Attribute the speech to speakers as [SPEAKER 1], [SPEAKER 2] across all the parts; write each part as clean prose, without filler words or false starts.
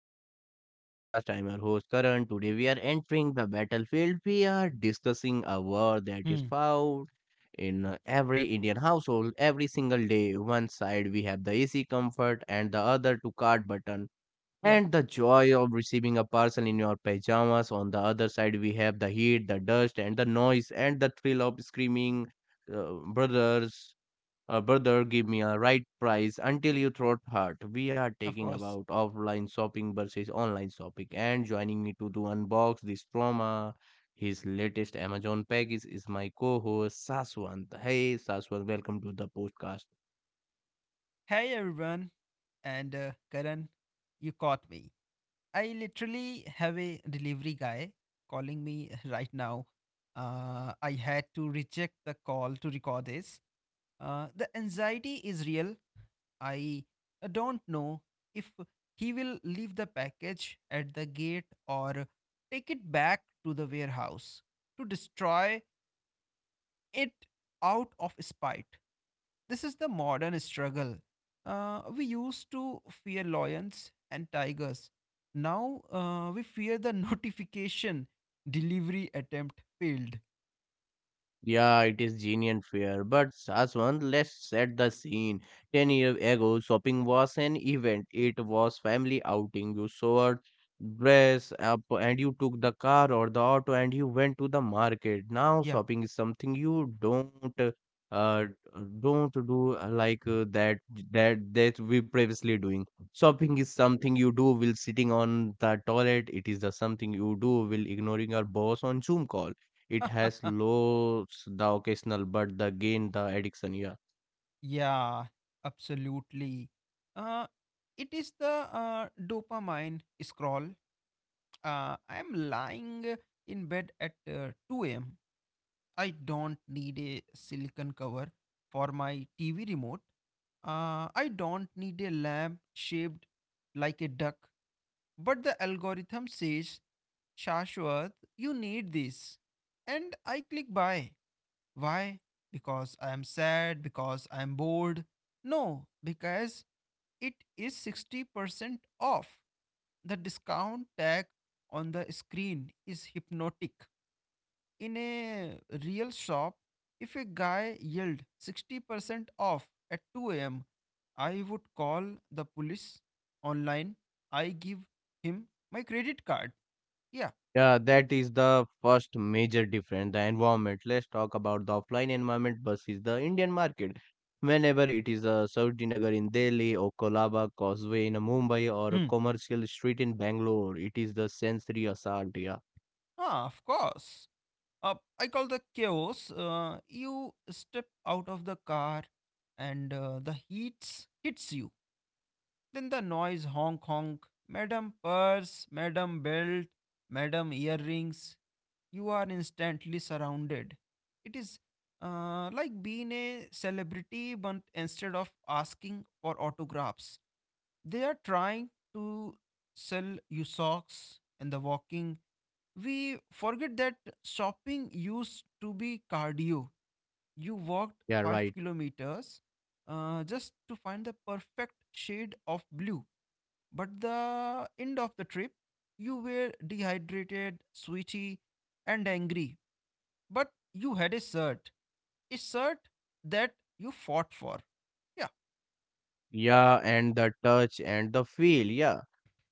[SPEAKER 1] welcome to the podcast. I'm your host, Karan. Today, we are entering the battlefield. We are discussing a war that is
[SPEAKER 2] Hmm.
[SPEAKER 1] found in every Indian household every single day. One side, we have the easy comfort, and the other, to cart button.
[SPEAKER 2] Yeah,
[SPEAKER 1] And the joy of receiving a parcel in your pajamas. On the other side, we have the heat, the dust, and the noise, and the thrill of screaming brothers. Brother, give me a right price until you throat hurt. We are
[SPEAKER 2] of
[SPEAKER 1] taking
[SPEAKER 2] course.
[SPEAKER 1] about offline shopping versus online shopping and joining me to do unbox this trauma. His latest Amazon package is my co-host Saswant. Hey Saswant, welcome to the podcast.
[SPEAKER 2] Hey everyone, and Karan, you caught me. I literally have a delivery guy calling me right now. I had to reject the call to record this. The anxiety is real. I don't know if he will leave the package at the gate or take it back to the warehouse to destroy it out of spite. This is the modern struggle. We used to fear lions and tigers. Now we fear the notification delivery attempt failed.
[SPEAKER 1] Yeah, it is genuine fear. But Saswant, let's set the scene. 10 years ago, shopping was an event. It was family outing. You sewed, dress up, and you took the car or the auto and you went to the market. Now
[SPEAKER 2] Yeah.
[SPEAKER 1] shopping is something you uh don't do that we previously doing. Shopping is something you do while sitting on the toilet. It is the something you do while ignoring your boss on Zoom call. It has loads the occasional, but the gain the addiction. Yeah,
[SPEAKER 2] yeah, absolutely. Uh, it is the dopamine scroll. I'm lying in bed at 2 a.m. I don't need a silicon cover for my TV remote. I don't need a lamp shaped like a duck. But the algorithm says, Shashwat, you need this. And I click buy. Why? Because I am sad, because I am bored. No, because it is 60% off. The discount tag on the screen is hypnotic. In a real shop, if a guy yelled 60% off at 2 a.m., I would call the police. Online, I give him my credit card. Yeah.
[SPEAKER 1] yeah, that is the first major difference. The environment. Let's talk about the offline environment versus the Indian market. Whenever it is a Sautinagar in Delhi or Kolaba Causeway in Mumbai or a
[SPEAKER 2] Hmm.
[SPEAKER 1] commercial street in Bangalore, it is the sensory assault. Yeah,
[SPEAKER 2] Ah, of course. Uh, I call the chaos. You step out of the car and the heat hits you. Then the noise, honk honk. Madam purse, madam belt, madam earrings. You are instantly surrounded. It is like being a celebrity, but instead of asking for autographs, they are trying to sell you socks and the walking. We forget that shopping used to be cardio. You walked
[SPEAKER 1] yeah,
[SPEAKER 2] five
[SPEAKER 1] right.
[SPEAKER 2] kilometers just to find the perfect shade of blue, but the end of the trip, you were dehydrated, sweaty, and angry. But you had a shirt that you fought for. Yeah,
[SPEAKER 1] Yeah, and the touch and the feel. Yeah,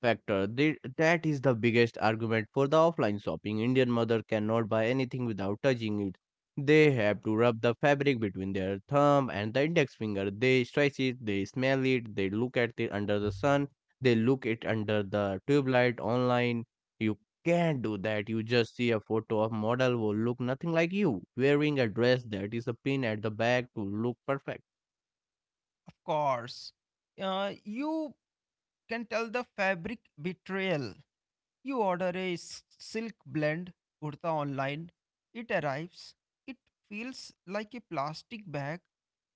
[SPEAKER 1] factor. They, that is the biggest argument for the offline shopping. Indian mother cannot buy anything without touching it. They have to rub the fabric between their thumb and the index finger. They stretch it, they smell it, they look at it under the sun, they look it under the tube light online. You can't do that. You just see a photo of model who look nothing like you, wearing a dress that is a pin at the back to look perfect.
[SPEAKER 2] of course. You can tell the fabric betrayal. You order a silk blend kurta online. It arrives. It feels like a plastic bag.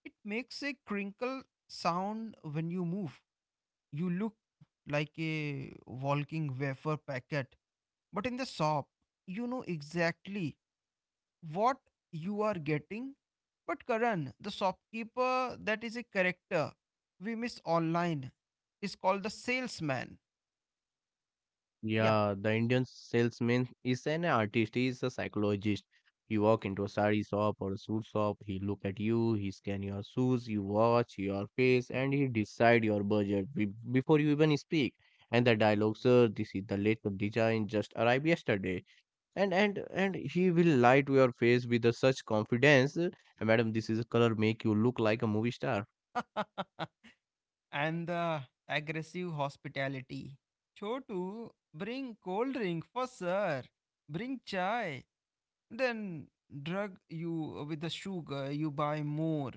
[SPEAKER 2] It makes a crinkle sound when you move. You look like a walking wafer packet, but in the shop, you know exactly what you are getting. But Karan, the shopkeeper, that is a character we miss online, is called the salesman. Yeah.
[SPEAKER 1] Yeah, the Indian salesman is an artist, he is a psychologist. You walk into a sari shop or a suit shop, he look at you, he scan your shoes, you watch your face, and he decide your budget before you even speak. And the dialogue, sir, this is the latest design, just arrived yesterday. And he will lie to your face with a such confidence. " Madam, this is a color make you look like a movie star.
[SPEAKER 2] And the aggressive hospitality. Chotu, bring cold drink for sir. Bring chai. Then drug you with the sugar, you buy more.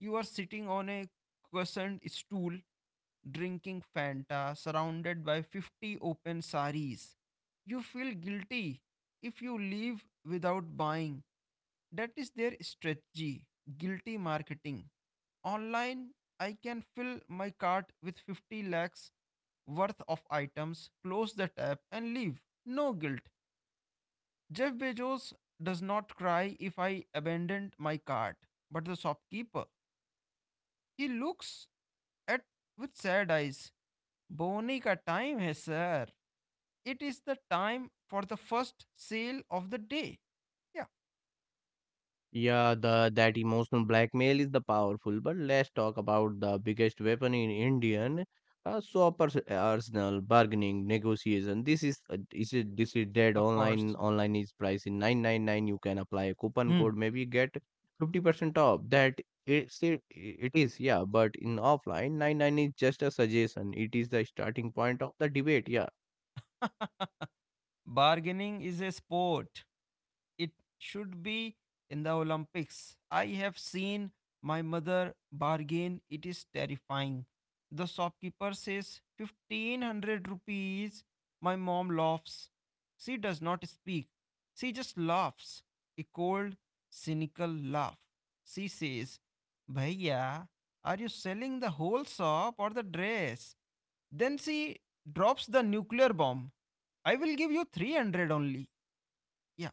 [SPEAKER 2] You are sitting on a cushioned stool, drinking Fanta, surrounded by 50 open saris. You feel guilty if you leave without buying. That is their strategy, guilty marketing. Online, I can fill my cart with 50 lakhs worth of items, close the tab, and leave. No guilt. Jeff Bezos does not cry if I abandoned my cart, but the shopkeeper, he looks at with sad eyes. Boni ka time hai, sir. It is the time for the first sale of the day. Yeah,
[SPEAKER 1] Yeah, the that emotional blackmail is the powerful. But let's talk about the biggest weapon in Indian shoppers arsenal, bargaining, negotiation. This is dead
[SPEAKER 2] of
[SPEAKER 1] online.
[SPEAKER 2] course.
[SPEAKER 1] Online is price in 999. You can apply a coupon
[SPEAKER 2] Hmm.
[SPEAKER 1] code, maybe get 50% off. That it is, yeah. But in offline, 99 is just a suggestion. It is the starting point of the debate. Yeah
[SPEAKER 2] Bargaining is a sport. It should be in the Olympics. I have seen my mother bargain. It is terrifying. The shopkeeper says 1500 rupees. My mom laughs. She does not speak. She just laughs. A cold, cynical laugh. She says, Bhaiya, are you selling the whole shop or the dress? Then she drops the nuclear bomb. I will give you 300 only. Yeah.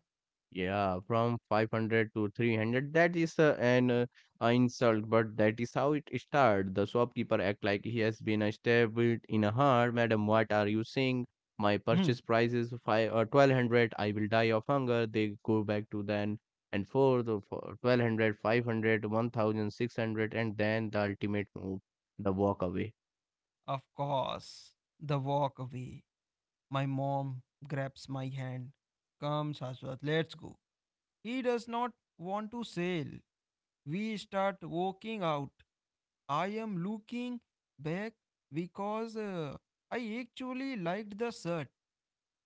[SPEAKER 1] Yeah, from 500 to 300. That is an insult, but that is how it started. The shopkeeper act like he has been stabbed in a heart. Madam, what are you saying? My
[SPEAKER 2] Hmm.
[SPEAKER 1] purchase price is five or 1200. I will die of hunger. They go back to then and forth for 1200, 500, and then the ultimate move, the walk away.
[SPEAKER 2] Of course, the walk away. My mom grabs my hand. Come, Shashwat, let's go. He does not want to sail. We start walking out. I am looking back because I actually liked the shirt.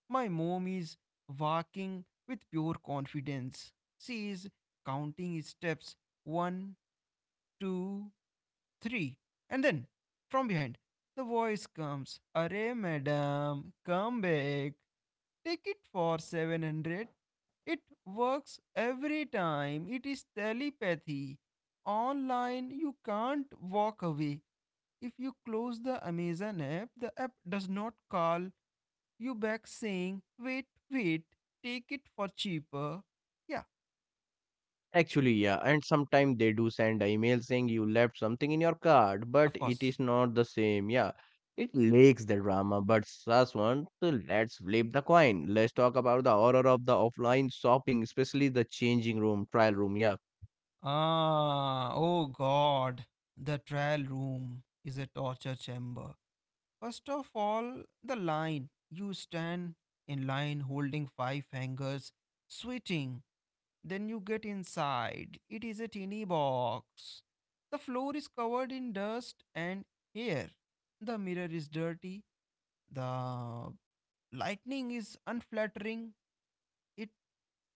[SPEAKER 2] My mom is walking with pure confidence. She is counting steps, one, two, three. And then, from behind, the voice comes, Arey madam, come back. Take it for 700. It works every time. It is telepathy. Online, you can't walk away. If you close the Amazon app, the app does not call you back saying, Wait, wait, take it for cheaper. Yeah,
[SPEAKER 1] Actually, yeah, and sometimes they do send an email saying you left something in your card, but
[SPEAKER 2] of
[SPEAKER 1] it
[SPEAKER 2] course.
[SPEAKER 1] is not the same. Yeah, it lacks the drama, but Saswant, let's flip the coin. Let's talk about the horror of the offline shopping, especially the changing room, trial room. Yeah,
[SPEAKER 2] Ah, oh God. The trial room is a torture chamber. First of all, the line. You stand in line holding five fingers, sweating. Then you get inside. It is a tiny box. The floor is covered in dust and hair. The mirror is dirty. The lightning is unflattering. It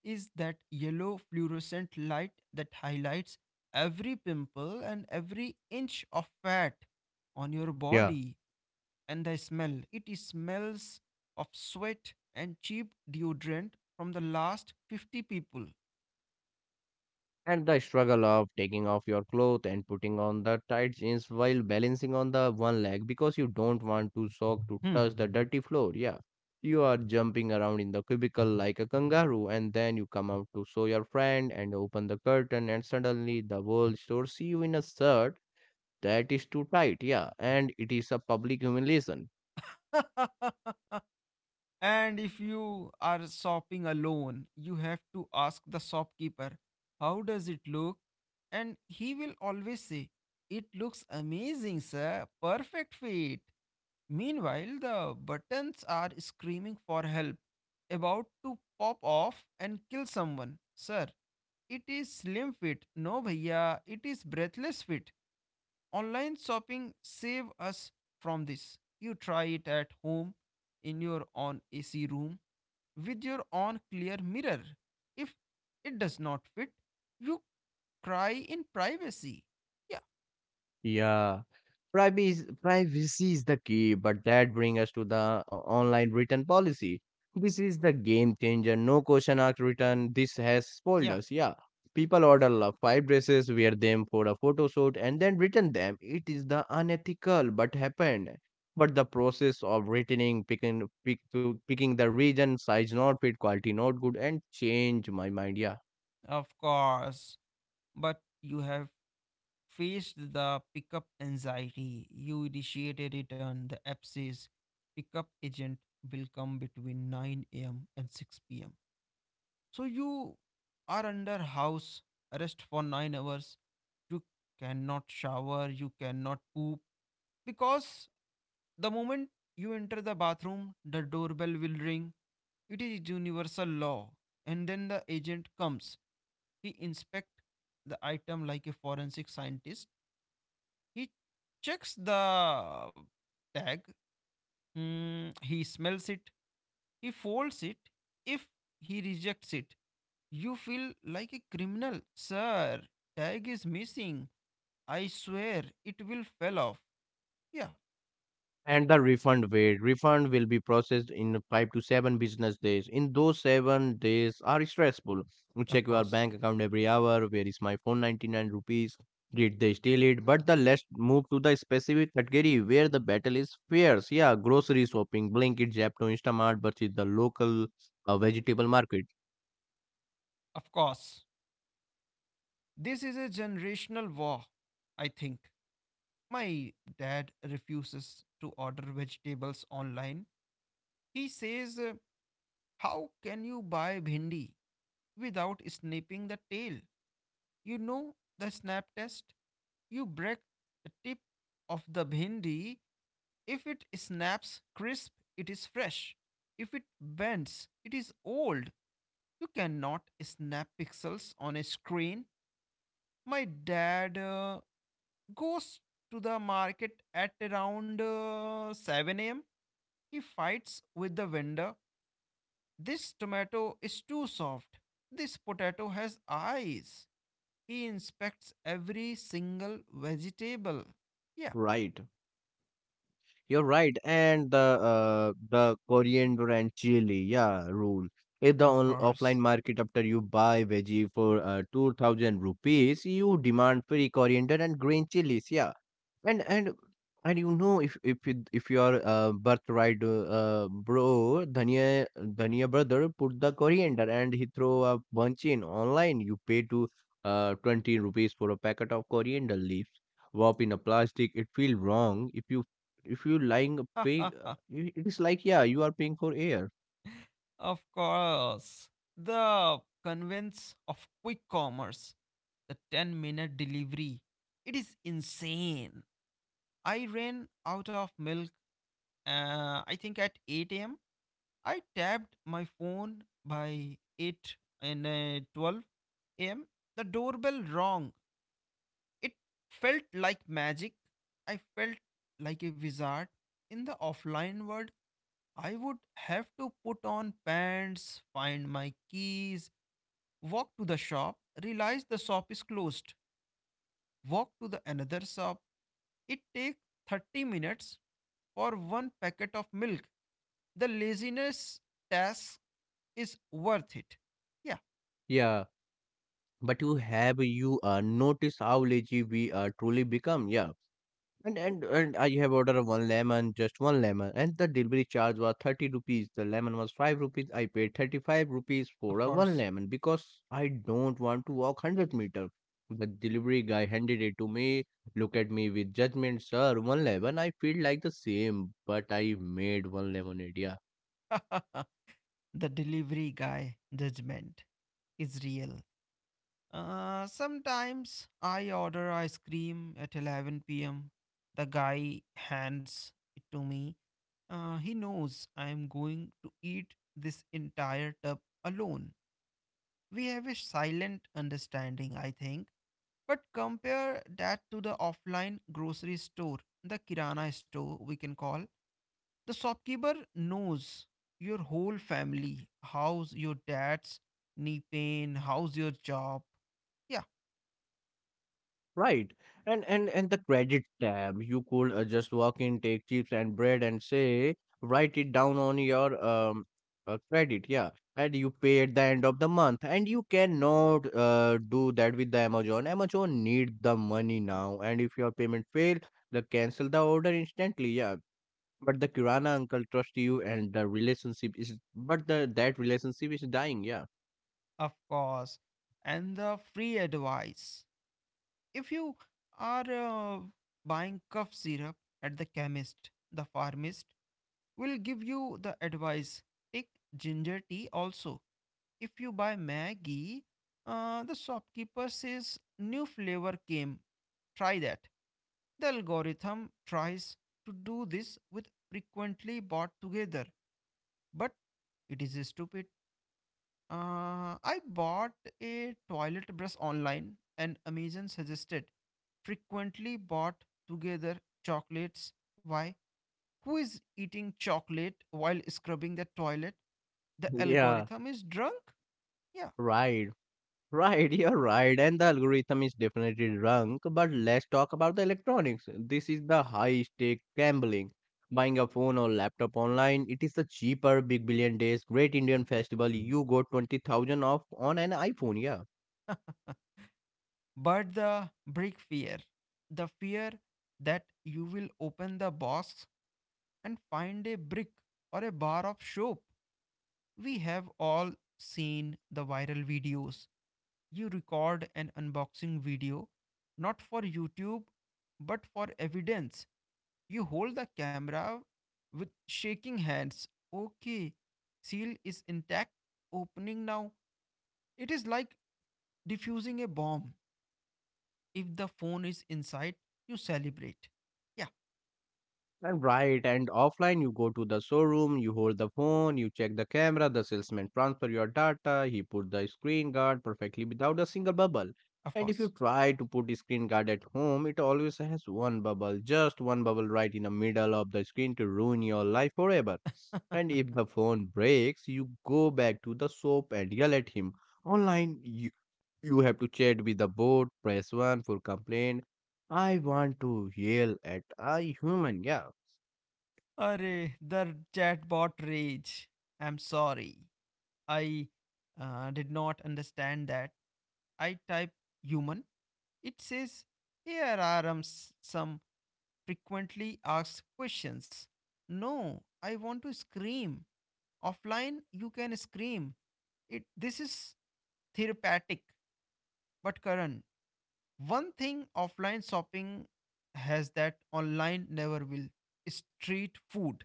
[SPEAKER 2] is that yellow fluorescent light that highlights every pimple and every inch of fat on your
[SPEAKER 1] yeah.
[SPEAKER 2] body. And the smell, it smells of sweat and cheap deodorant from the last 50 people.
[SPEAKER 1] And the struggle of taking off your clothes and putting on the tight jeans while balancing on the one leg because you don't want to sock to
[SPEAKER 2] Hmm.
[SPEAKER 1] touch the dirty floor. Yeah. You are jumping around in the cubicle like a kangaroo, and then you come out to show your friend and open the curtain, and suddenly the whole store see you in a shirt that is too tight. Yeah. And it is a public humiliation.
[SPEAKER 2] And if you are shopping alone, you have to ask the shopkeeper, How does it look? And he will always say, It looks amazing, sir. Perfect fit. Meanwhile, the buttons are screaming for help, about to pop off and kill someone. Sir, it is slim fit. No, bhaiya, it is breathless fit. Online shopping save us from this. You try it at home in your own AC room with your own clear mirror. If it does not fit, you cry in privacy. Yeah,
[SPEAKER 1] Yeah, privacy is the key, but that brings us to the online return policy. This is the game changer. No question asked return. This has spoiled
[SPEAKER 2] yeah,
[SPEAKER 1] us. Yeah, people order five dresses, wear them for a photo shoot, and then return them. It is the unethical, but happened. But the process of returning, picking the region, size not fit, quality not good, and change my mind. Yeah,
[SPEAKER 2] of course. But you have faced the pickup anxiety. You initiate a return. The app says pickup agent will come between 9 a.m. and 6 p.m. So you are under house arrest for 9 hours. You cannot shower, you cannot poop because the moment you enter the bathroom, the doorbell will ring. It is universal law. And then the agent comes. He inspects the item like a forensic scientist. He checks the tag. Mm, he smells it. He folds it. If he rejects it, you feel like a criminal. Sir, tag is missing. I swear it will fell off. Yeah,
[SPEAKER 1] and the refund will be processed in 5 to 7 business days. In those 7 days are stressful. You
[SPEAKER 2] of
[SPEAKER 1] check your
[SPEAKER 2] course.
[SPEAKER 1] bank account every hour. Where is my phone, 99 rupees? Did they steal it? But the Let's move to the specific category where the battle is fierce, yeah. Grocery shopping, Blinkit, japto instamart versus the local vegetable market.
[SPEAKER 2] Of course. This is a generational war, I think. My dad refuses to order vegetables online. He says, how can you buy bhindi without snapping the tail? You know the snap test? You break the tip of the bhindi. If it snaps crisp, it is fresh. If it bends, it is old. You cannot snap pixels on a screen. My dad goes to the market at around 7 am. He fights with the vendor. This tomato is too soft. This potato has eyes. He inspects every single vegetable. Yeah,
[SPEAKER 1] Right. You're right, and the coriander and chili, yeah, rule. If the
[SPEAKER 2] of
[SPEAKER 1] on
[SPEAKER 2] course.
[SPEAKER 1] offline market after you buy veggie for 2000 rupees, you demand free coriander and green chilies, yeah. And and and you know, if you are birthright bro, Dhania Dhania brother put the coriander and he throw a bunch in online. You pay to 20 rupees for a packet of coriander leaves wrap in a plastic, it feel wrong. If you lying a big. It is like, yeah, you are paying for air.
[SPEAKER 2] Of course. The convenience of quick commerce, the 10-minute delivery. It is insane. I ran out of milk, I think at 8 a.m. I tapped my phone by 8, and 12 a.m. the doorbell rang. It felt like magic. I felt like a wizard. In the offline world, I would have to put on pants, find my keys, walk to the shop, realize the shop is closed, walk to the another shop. It takes 30 minutes for one packet of milk. The laziness task is worth it. Yeah,
[SPEAKER 1] Yeah, but you have you notice how lazy we truly become, yeah. And I have ordered one lemon, just one lemon, and the delivery charge was 30 rupees. The lemon was 5 rupees. I paid 35 rupees for
[SPEAKER 2] of
[SPEAKER 1] a one
[SPEAKER 2] course.
[SPEAKER 1] lemon because I don't want to walk 100 meter. The delivery guy handed it to me, look at me with judgment. Sir, one lemon. I feel like the same, but I made one lemonade, yeah.
[SPEAKER 2] The delivery guy judgment is real. Sometimes I order ice cream at 11 pm. The guy hands it to me. He knows I am going to eat this entire tub alone. We have a silent understanding, I think. But compare that to the offline grocery store, the Kirana store, we can call. The shopkeeper knows your whole family, how's your dad's knee pain, how's your job. Yeah,
[SPEAKER 1] Right. And the credit tab, you could just walk in, take chips and bread and say, write it down on your credit, yeah. And you pay at the end of the month. And you cannot do that with the Amazon. Amazon need the money now. And if your payment fail, they cancel the order instantly, yeah. But the Kirana uncle trust you and the relationship is, but the that relationship is dying, yeah.
[SPEAKER 2] of course. And the free advice. If you are buying cough syrup at the chemist, the pharmacist will give you the advice, take ginger tea also. If you buy Maggie, the shopkeeper says, new flavor came. Try that. The algorithm tries to do this with frequently bought together, but it is stupid. I bought a toilet brush online, and Amazon suggested frequently bought together chocolates. Why? Who is eating chocolate while scrubbing the toilet? The
[SPEAKER 1] Yeah,
[SPEAKER 2] algorithm is drunk? Yeah.
[SPEAKER 1] right. Right, you're right, and the algorithm is definitely drunk. But let's talk about the electronics. This is the high stake gambling. Buying a phone or laptop online, it is the cheaper Big Billion Days Great Indian Festival. You got 20,000 off on an iPhone, yeah.
[SPEAKER 2] But the brick fear, the fear that you will open the box and find a brick or a bar of soap. We have all seen the viral videos. You record an unboxing video, not for YouTube but for evidence. You hold the camera with shaking hands. Okay, seal is intact, opening now. It is like diffusing a bomb. If the phone is inside, you celebrate. Yeah,
[SPEAKER 1] And Right, and offline you go to the showroom, you hold the phone, you check the camera, the salesman transfer your data, he put the screen guard perfectly without a single bubble.
[SPEAKER 2] of
[SPEAKER 1] And if you
[SPEAKER 2] course.
[SPEAKER 1] try to put the screen guard at home, it always has one bubble, just one bubble right in the middle of the screen to ruin your life forever. And if the phone breaks, you go back to the shop and yell at him. Online, you have to chat with the bot, press 1 for complaint. I want to yell at a human, yeah.
[SPEAKER 2] Array, the chatbot rage. I'm sorry. I did not understand that. I type human. It says, here are some frequently asked questions. No, I want to scream. Offline, you can scream. It. This is therapeutic. But Karan, one thing offline shopping has that online never will, street food.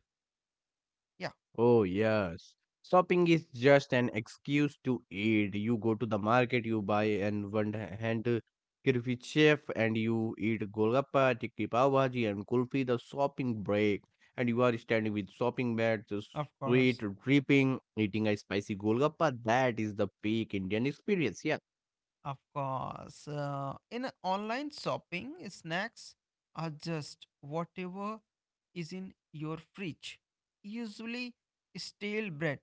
[SPEAKER 2] Yeah,
[SPEAKER 1] Oh, yes. Shopping is just an excuse to eat. You go to the market, you buy and one hand kirfi chef and you eat golgappa, tikki pav bhaji and kulfi, the shopping break. And you are standing with shopping bags, the
[SPEAKER 2] of
[SPEAKER 1] sweet
[SPEAKER 2] course.
[SPEAKER 1] dripping, eating a spicy golgappa. That is the peak Indian experience. Yeah.
[SPEAKER 2] Of course. In online shopping, snacks are just whatever is in your fridge. Usually, stale bread.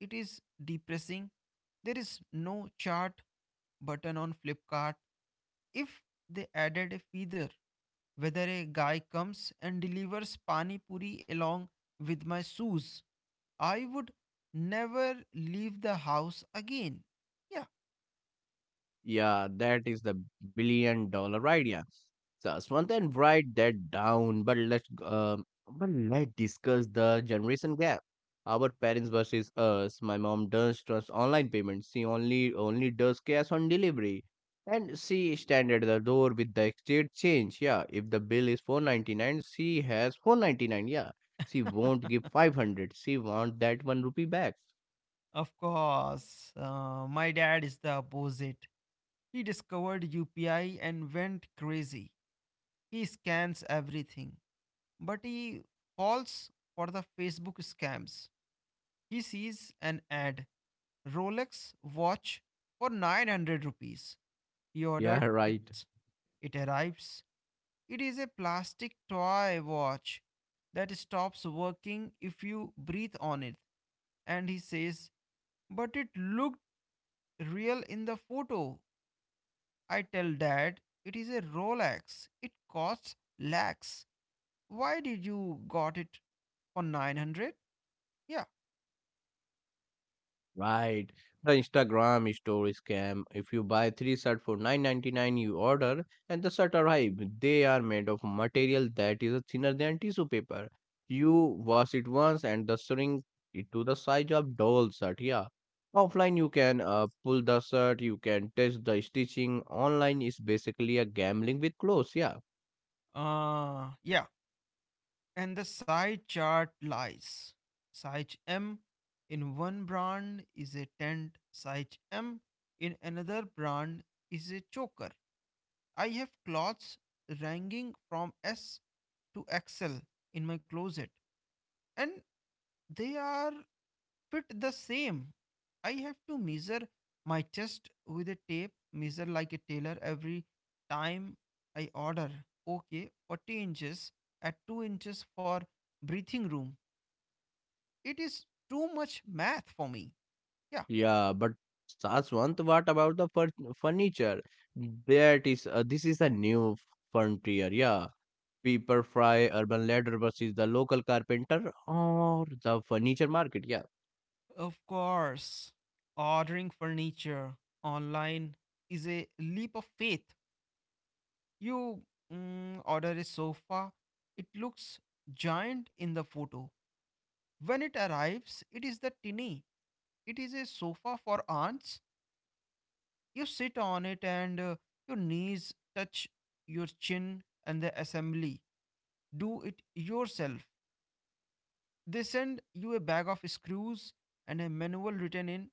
[SPEAKER 2] It is depressing. There is no chart button on Flipkart. If they added a feather, whether a guy comes and delivers pani puri along with my shoes, I would never leave the house again. Yeah,
[SPEAKER 1] Yeah, that is the billion dollar idea. So, Swantan, write that down. But let's discuss the generation gap. Our parents versus us. My mom does trust online payments. She only does cash on delivery, and she stand at the door with the exchange change. Yeah, if the bill is 499, she has 499. Yeah, she won't give 500. She want that 1 rupee back.
[SPEAKER 2] of course. My dad is the opposite. He discovered UPI and went crazy. He scans everything, but he falls for the Facebook scams. He sees an ad, Rolex watch for 900 rupees. He
[SPEAKER 1] Yeah,
[SPEAKER 2] ordered it.
[SPEAKER 1] right.
[SPEAKER 2] It arrives. It is a plastic toy watch that stops working if you breathe on it. And he says, But it looked real in the photo. I tell dad, it is a Rolex. It costs lakhs. Why did you got it for 900? Yeah.
[SPEAKER 1] Right. The Instagram story scam. If you buy three shirt for 999, you order and the shirt arrive. They are made of material that is thinner than tissue paper. You wash it once and the shrink it to the size of doll shirt. Yeah. Offline you can pull the shirt, you can test the stitching. Online is basically a gambling with clothes. Yeah.
[SPEAKER 2] Yeah. And the psi chart lies. Psi M in one brand is a tent, psi M in another brand is a choker. I have clothes ranging from S to XL in my closet, and they are fit the same. I have to measure my chest with a tape, measure like a tailor every time I order. Okay, 40 inches at 2 inches for breathing room. It is too much math for me. Yeah.
[SPEAKER 1] Yeah. But Saswant, what about the furniture? That is This is a new frontier. Yeah. Pepperfry Urban Ladder बस इस the local carpenter और the furniture market क्या.
[SPEAKER 2] Of course, ordering furniture online is a leap of faith. You order a sofa, it looks giant in the photo. When it arrives, it is the tinny. It is a sofa for aunts. You sit on it and your knees touch your chin and the assembly. Do it yourself. They send you a bag of screws and a manual written in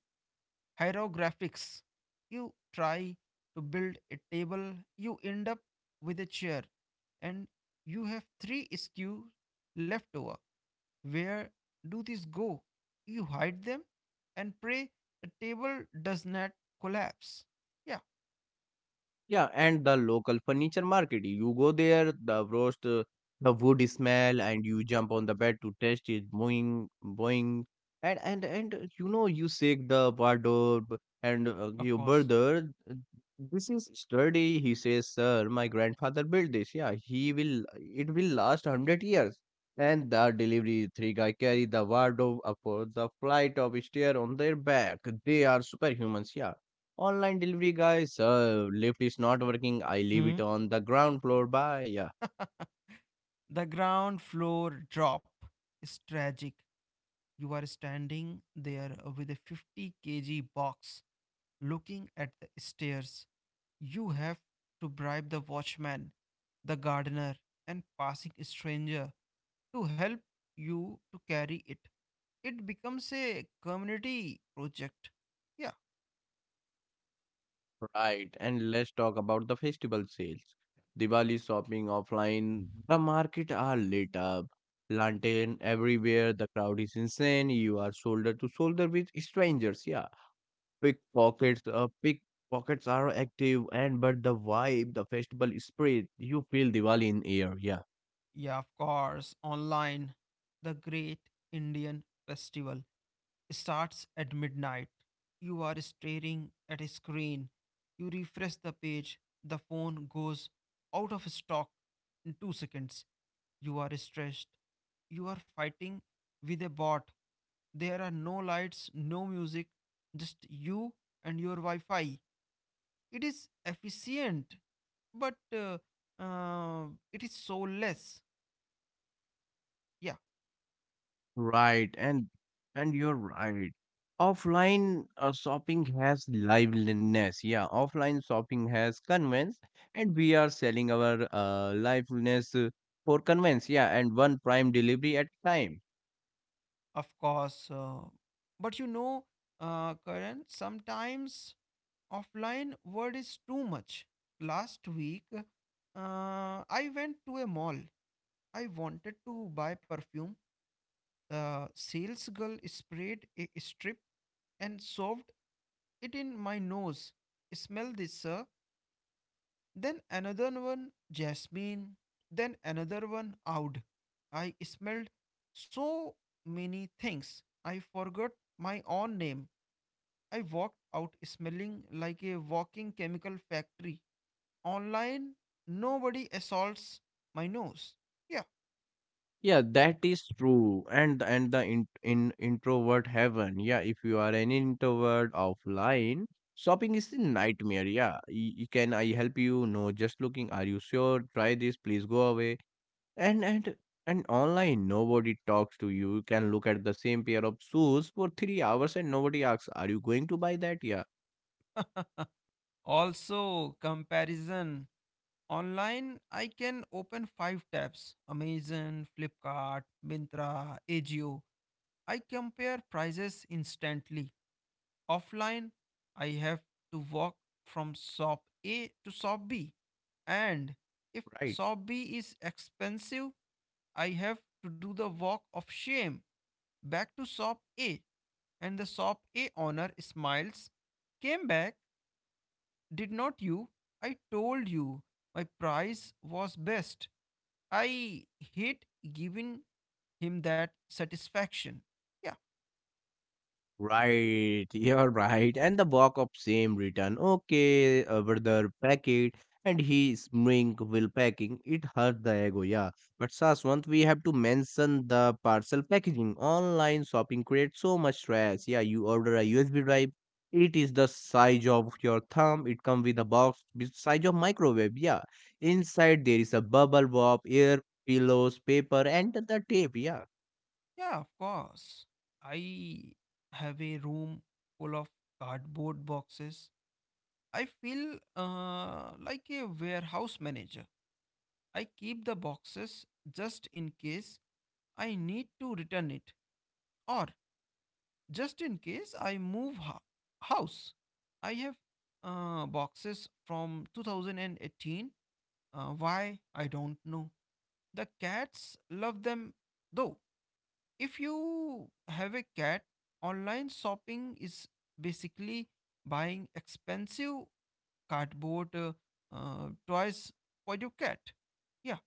[SPEAKER 2] hierographics. You try to build a table, you end up with a chair, and you have three skews left over. Where do these go? You hide them and pray the table does not collapse. Yeah,
[SPEAKER 1] Yeah, and the local furniture market. You go there, the roast, the wood smell, and you jump on the bed to taste it, boing, boing, and you know you shake the wardrobe and
[SPEAKER 2] of
[SPEAKER 1] your
[SPEAKER 2] course.
[SPEAKER 1] brother. uh, This is sturdy, he says, sir. My grandfather built this. Yeah, he will. It will last hundred years. And the delivery three guy carry the wardrobe up for the flight of stair on their back. They are superhumans. Yeah. Online delivery guys, Lyft is not working. I leave it
[SPEAKER 2] Hmm.
[SPEAKER 1] on the ground floor. Bye. Yeah,
[SPEAKER 2] The ground floor drop is tragic. You are standing there with a 50 kg box looking at the stairs. You have to bribe the watchman, the gardener, and passing stranger to help you to carry it. It becomes a community project. Yeah,
[SPEAKER 1] right. And let's talk about the festival sales. Diwali shopping offline. The market are lit up. Lantern everywhere. The crowd is insane. You are shoulder to shoulder with strangers. Yeah, pickpockets. Pickpockets are active. And but the vibe, the festival spirit. You feel Diwali in air. Yeah.
[SPEAKER 2] yeah, of course. Online, the Great Indian Festival starts at midnight. You are staring at a screen. You refresh the page. The phone goes out of stock in 2 seconds. You are stressed. You are fighting with a bot. There are no lights, no music, just you and your Wi Fi. It is efficient, but uh, it is soulless. Yeah,
[SPEAKER 1] Right, and you're right. Offline shopping has liveliness. Yeah, offline shopping has convenience, and we are selling our liveliness for convenience. Yeah, and one prime delivery at time.
[SPEAKER 2] of course. But Karan, sometimes offline word is too much. Last week, I went to a mall. I wanted to buy perfume. The sales girl sprayed a strip and shoved it in my nose. Smell this, sir. Then another one, jasmine. Then another one, oud. I smelled so many things. I forgot my own name. I walked out smelling like a walking chemical factory. Online, nobody assaults my nose. Yeah.
[SPEAKER 1] Yeah, that is true. And the in introvert heaven. Yeah, if you are an introvert offline, shopping is a nightmare. Yeah, can I help you? No, just looking. Are you sure? Try this. Please go away. And and and online, nobody talks to you. You can look at the same pair of shoes for 3 hours and nobody asks, "Are you going to buy that?" Yeah,
[SPEAKER 2] Also, comparison. Online, I can open five tabs: Amazon, Flipkart, Mintra, Agio. I compare prices instantly. Offline, I have to walk from shop A to shop B. And if
[SPEAKER 1] right.
[SPEAKER 2] shop B is expensive, I have to do the walk of shame back to shop A. And the shop A owner smiles. Came back, did not you? I told you my price was best. I hate giving him that satisfaction. Yeah,
[SPEAKER 1] Right, you're right. And the box of same return. Okay, brother, pack it. And he smring will packing. It hurt the ego, yeah. But Saswant, we have to mention the parcel packaging. Online shopping creates so much stress. Yeah, you order a USB drive. It is the size of your thumb. It come with a box with size of microwave. Yeah. Inside there is a bubble wrap, air pillows, paper, and the tape. Yeah.
[SPEAKER 2] yeah, of course. I have a room full of cardboard boxes. I feel like a warehouse manager. I keep the boxes just in case I need to return it, or just in case house. I have boxes from 2018. Why? I don't know. The cats love them though. If you have a cat, online shopping is basically buying expensive cardboard toys for your cat. Yeah,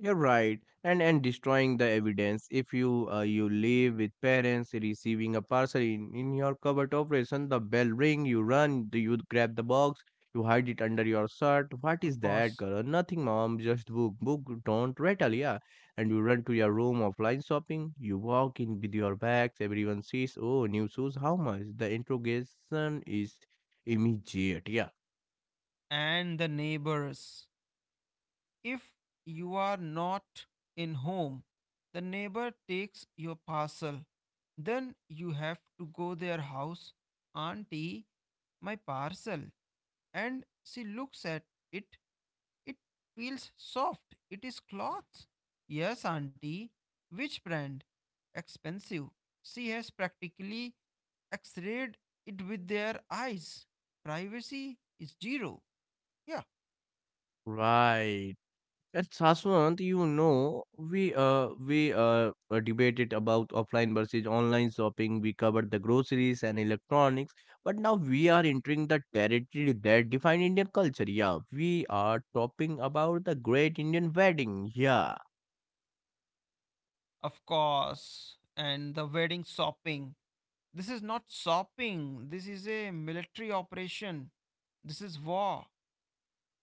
[SPEAKER 1] You're right, and destroying the evidence. If you you live with parents, receiving a parcel in your cupboard operation, the bell ring, you run, do you grab the box, you hide it under your shirt. What
[SPEAKER 2] of
[SPEAKER 1] is that,
[SPEAKER 2] course.
[SPEAKER 1] girl? Nothing, mom. Just book, book. Don't rattle, yeah. And you run to your room offline shopping. You walk in with your bags. Everyone sees, oh, new shoes. How much? The interrogation is immediate, yeah.
[SPEAKER 2] And the neighbors. If you are not in home, the neighbor takes your parcel. Then you have to go their house. Auntie, my parcel. And she looks at it. It feels soft. It is cloth. Yes, auntie. Which brand? Expensive. She has practically x-rayed it with their eyes. Privacy is zero. Yeah.
[SPEAKER 1] Right. At Saswant, you know, we debated about offline versus online shopping. We covered the groceries and electronics, but now we are entering the territory that define Indian culture. Yeah, we are talking about the great Indian wedding. Yeah.
[SPEAKER 2] Of course. And the wedding shopping. This is not shopping. This is a military operation. This is war.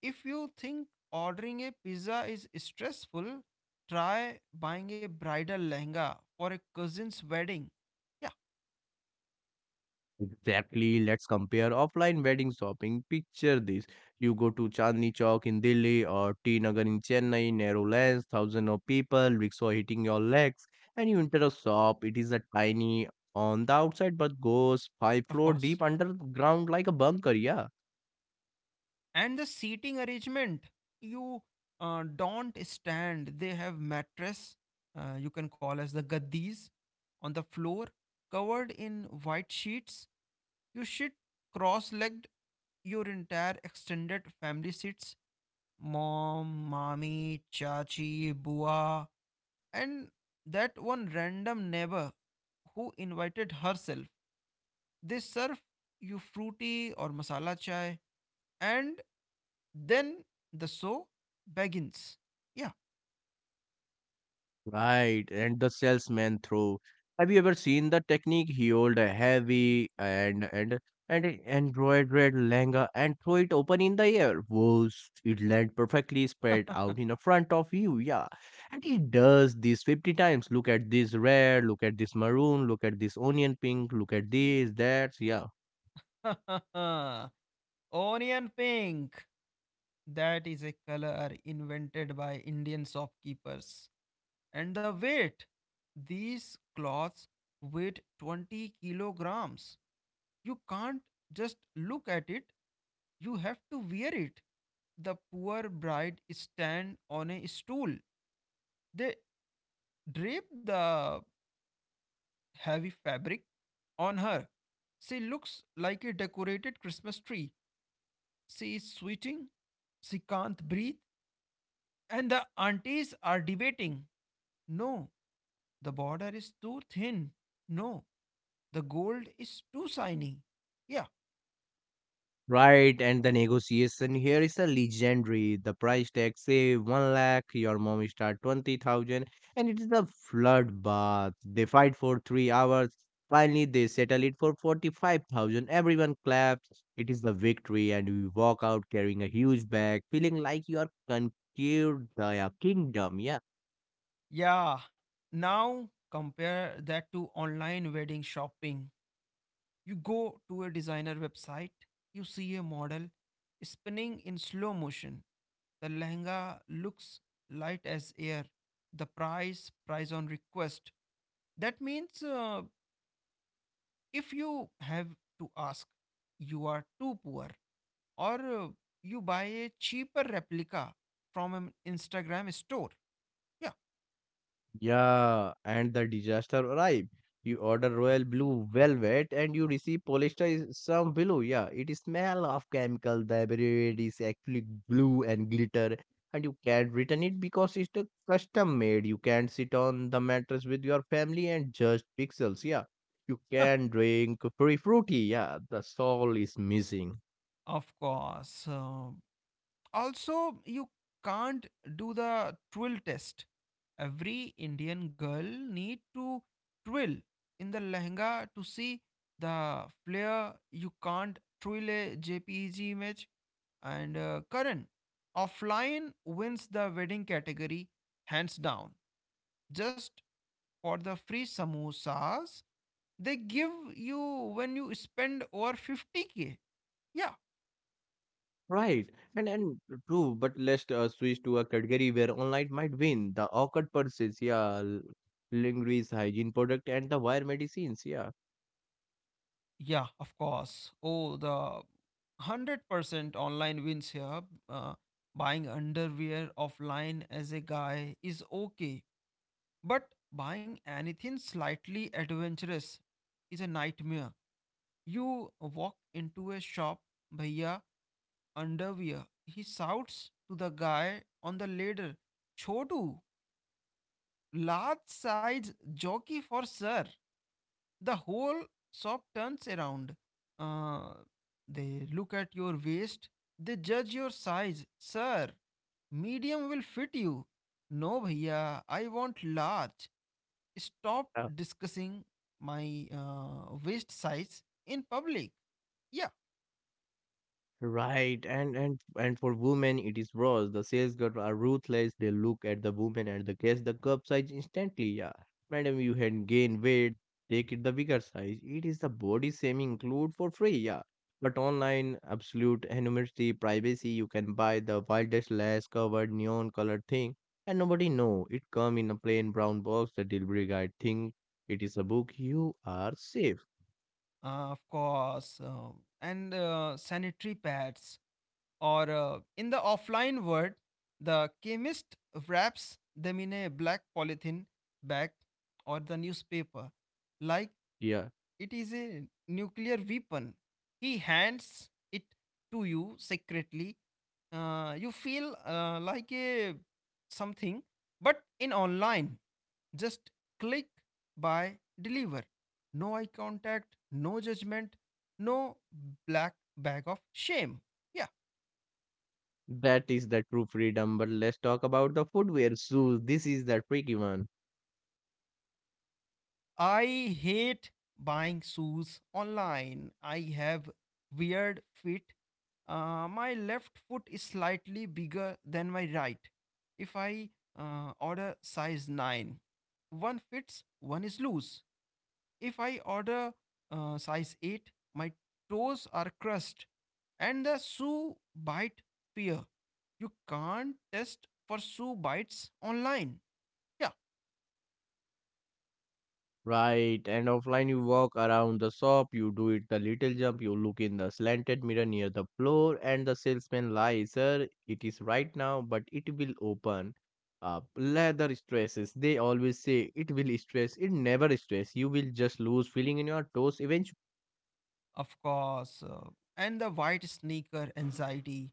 [SPEAKER 2] If you think ordering a pizza is stressful, try buying a bridal lehenga for a cousin's wedding. Yeah,
[SPEAKER 1] Exactly. Let's compare offline wedding shopping. Picture this. You go to Chandni Chowk in Delhi or T Nagar in Chennai, narrow lanes, thousands of people, rickshaw hitting your legs, and you enter a shop. It is a tiny on the outside but goes five
[SPEAKER 2] of
[SPEAKER 1] floor
[SPEAKER 2] course.
[SPEAKER 1] deep underground like a bunker, yeah.
[SPEAKER 2] And the seating arrangement. You don't stand. They have mattress, you can call as the gaddis, on the floor, covered in white sheets. You sit cross-legged. Your entire extended family sits: mom, mommy, chachi, bua, and that one random neighbor who invited herself. They serve you fruity or masala chai, and then the show begins. Yeah.
[SPEAKER 1] Right, and the salesman throw. Have you ever seen the technique? He hold a heavy and a embroidered lehenga and throw it open in the air. Whoosh! It land perfectly spread out in the front of you. Yeah, and he does this 50 times. Look at this red. Look at this maroon. Look at this onion pink. Look at this that. Yeah.
[SPEAKER 2] Onion pink. That is a color invented by Indian shopkeepers. And the weight. These cloths weight 20 kilograms. You can't just look at it, you have to wear it. The poor bride stand on a stool. They drape the heavy fabric on her. She looks like a decorated Christmas tree. She is sweating. She can't breathe. And the aunties are debating. No, the border is too thin. No, the gold is too shiny. Yeah,
[SPEAKER 1] Right, and the negotiation here is a legendary. The price tag say one lakh, your mom start 20,000, and it is a flood bath. They fight for 3 hours. Finally, they settle it for 45,000. Everyone claps. It is the victory, and we walk out carrying a huge bag, feeling like you are conquered the kingdom. Yeah.
[SPEAKER 2] yeah. Now compare that to online wedding shopping. You go to a designer website, you see a model spinning in slow motion. The lehenga looks light as air. The price, price on request. That means if you have to ask, you are too poor, or you buy a cheaper replica from an Instagram store. Yeah.
[SPEAKER 1] Yeah, and the disaster arrived. You order royal blue velvet and you receive polyester is some blue. Yeah, it smell of chemical. The bread is actually blue and glitter, and you can't return it because it's the custom made. You can't sit on the mattress with your family and just pixels. Yeah, you can drink free fruity. Yeah, the soul is missing.
[SPEAKER 2] Of course. Also you can't do the twill test. Every Indian girl need to twill in the lehenga to see the flare. You can't twill a jpeg image. And Karan, offline wins the wedding category, hands down, just for the free samosas they give you when you spend over 50k. Yeah.
[SPEAKER 1] Right, and true, but let's switch to a category where online might win the awkward purses, yeah, lingerie, hygiene product, and the wire medicines, yeah.
[SPEAKER 2] Yeah, of course. Oh, the 100% online wins here. Uh, buying underwear offline as a guy is okay, but buying anything slightly adventurous is a nightmare. You walk into a shop. Bhaiya, underwear. He shouts to the guy on the ladder, "Chodu, large size jockey for sir." The whole shop turns around. Uh, they look at your waist, they judge your size. Sir, medium will fit you. No, bhaiya, I want large. Stop discussing my waist size in public. Yeah,
[SPEAKER 1] Right, and for women it is worse. The sales girls are ruthless. They look at the woman and the guess the cup size instantly. Yeah, madam, you had gained weight. Take it the bigger size. It is the body shaming include for free. Yeah, but online absolute anonymity, privacy. You can buy the wildest lace covered neon colored thing, and nobody know it come in a plain brown box. The delivery guy think it is a book. You are safe.
[SPEAKER 2] of course. And sanitary pads. Or in the offline world, the chemist wraps them in a black polythene bag or the newspaper, like
[SPEAKER 1] Yeah.
[SPEAKER 2] it is a nuclear weapon. He hands it to you secretly. You feel like a something, but in online, just click, buy, deliver. No eye contact, no judgment, no black bag of shame. Yeah.
[SPEAKER 1] That is the true freedom, but let's talk about the footwear shoes. This is the tricky one.
[SPEAKER 2] I hate buying shoes online. I have weird feet. My left foot is slightly bigger than my right. If I order size 9, one fits, one is loose. If I order size 8, my toes are crushed, and the shoe bite fear. You can't test for shoe bites online. Yeah.
[SPEAKER 1] Right, and offline you walk around the shop, you do it the little jump, you look in the slanted mirror near the floor, and the salesman lies, sir, it is right now, but it will open up. Leather stresses, they always say it will stress, it never stress. You will just lose feeling in your toes eventually.
[SPEAKER 2] Of course. And the white sneaker anxiety.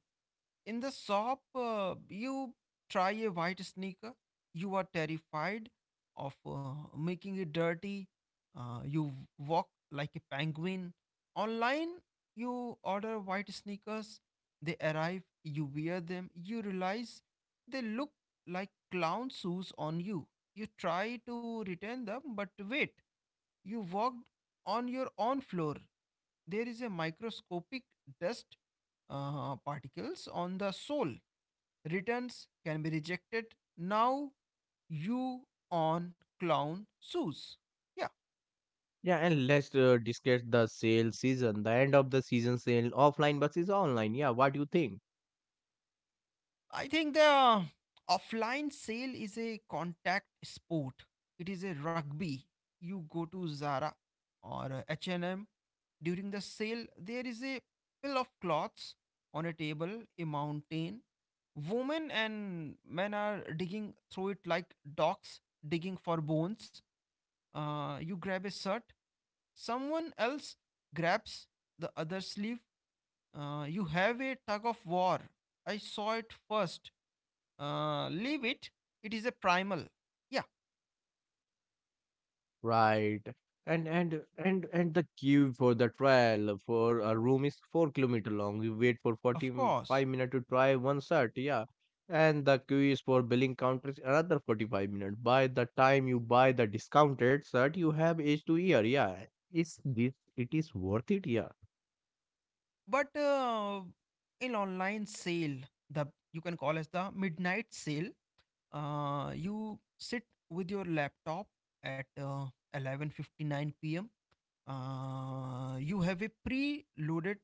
[SPEAKER 2] In the shop, you try a white sneaker, you are terrified of making it dirty. You walk like a penguin. Online, you order white sneakers, they arrive, you wear them, you realize they look like clown shoes on you. You try to return them, but wait. You walked on your own floor. There is a microscopic dust particles on the sole. Returns can be rejected. Now you on clown shoes. Yeah.
[SPEAKER 1] Yeah, and let's discuss the sale season, the end of the season sale, offline versus online. Yeah, what do you think?
[SPEAKER 2] I think the offline sale is a contact sport. It is a rugby. You go to Zara or H&M during the sale. There is a pile of cloths on a table, a mountain. Women and men are digging through it like dogs digging for bones. You grab a shirt, someone else grabs the other sleeve. You have a tug of war. I saw it first, leave it. It is a primal. Yeah,
[SPEAKER 1] Right. And the queue for the trial for a room is 4 kilometer long. You wait for
[SPEAKER 2] of
[SPEAKER 1] forty
[SPEAKER 2] course.
[SPEAKER 1] five minutes to try one set, yeah. And the queue is for billing counters another 45 minutes. By the time you buy the discounted set, you have age to year, yeah. Is this it is worth it, yeah.
[SPEAKER 2] But in online sale, the you can call as the midnight sale. You sit with your laptop at 11:59 p.m. You have a pre-loaded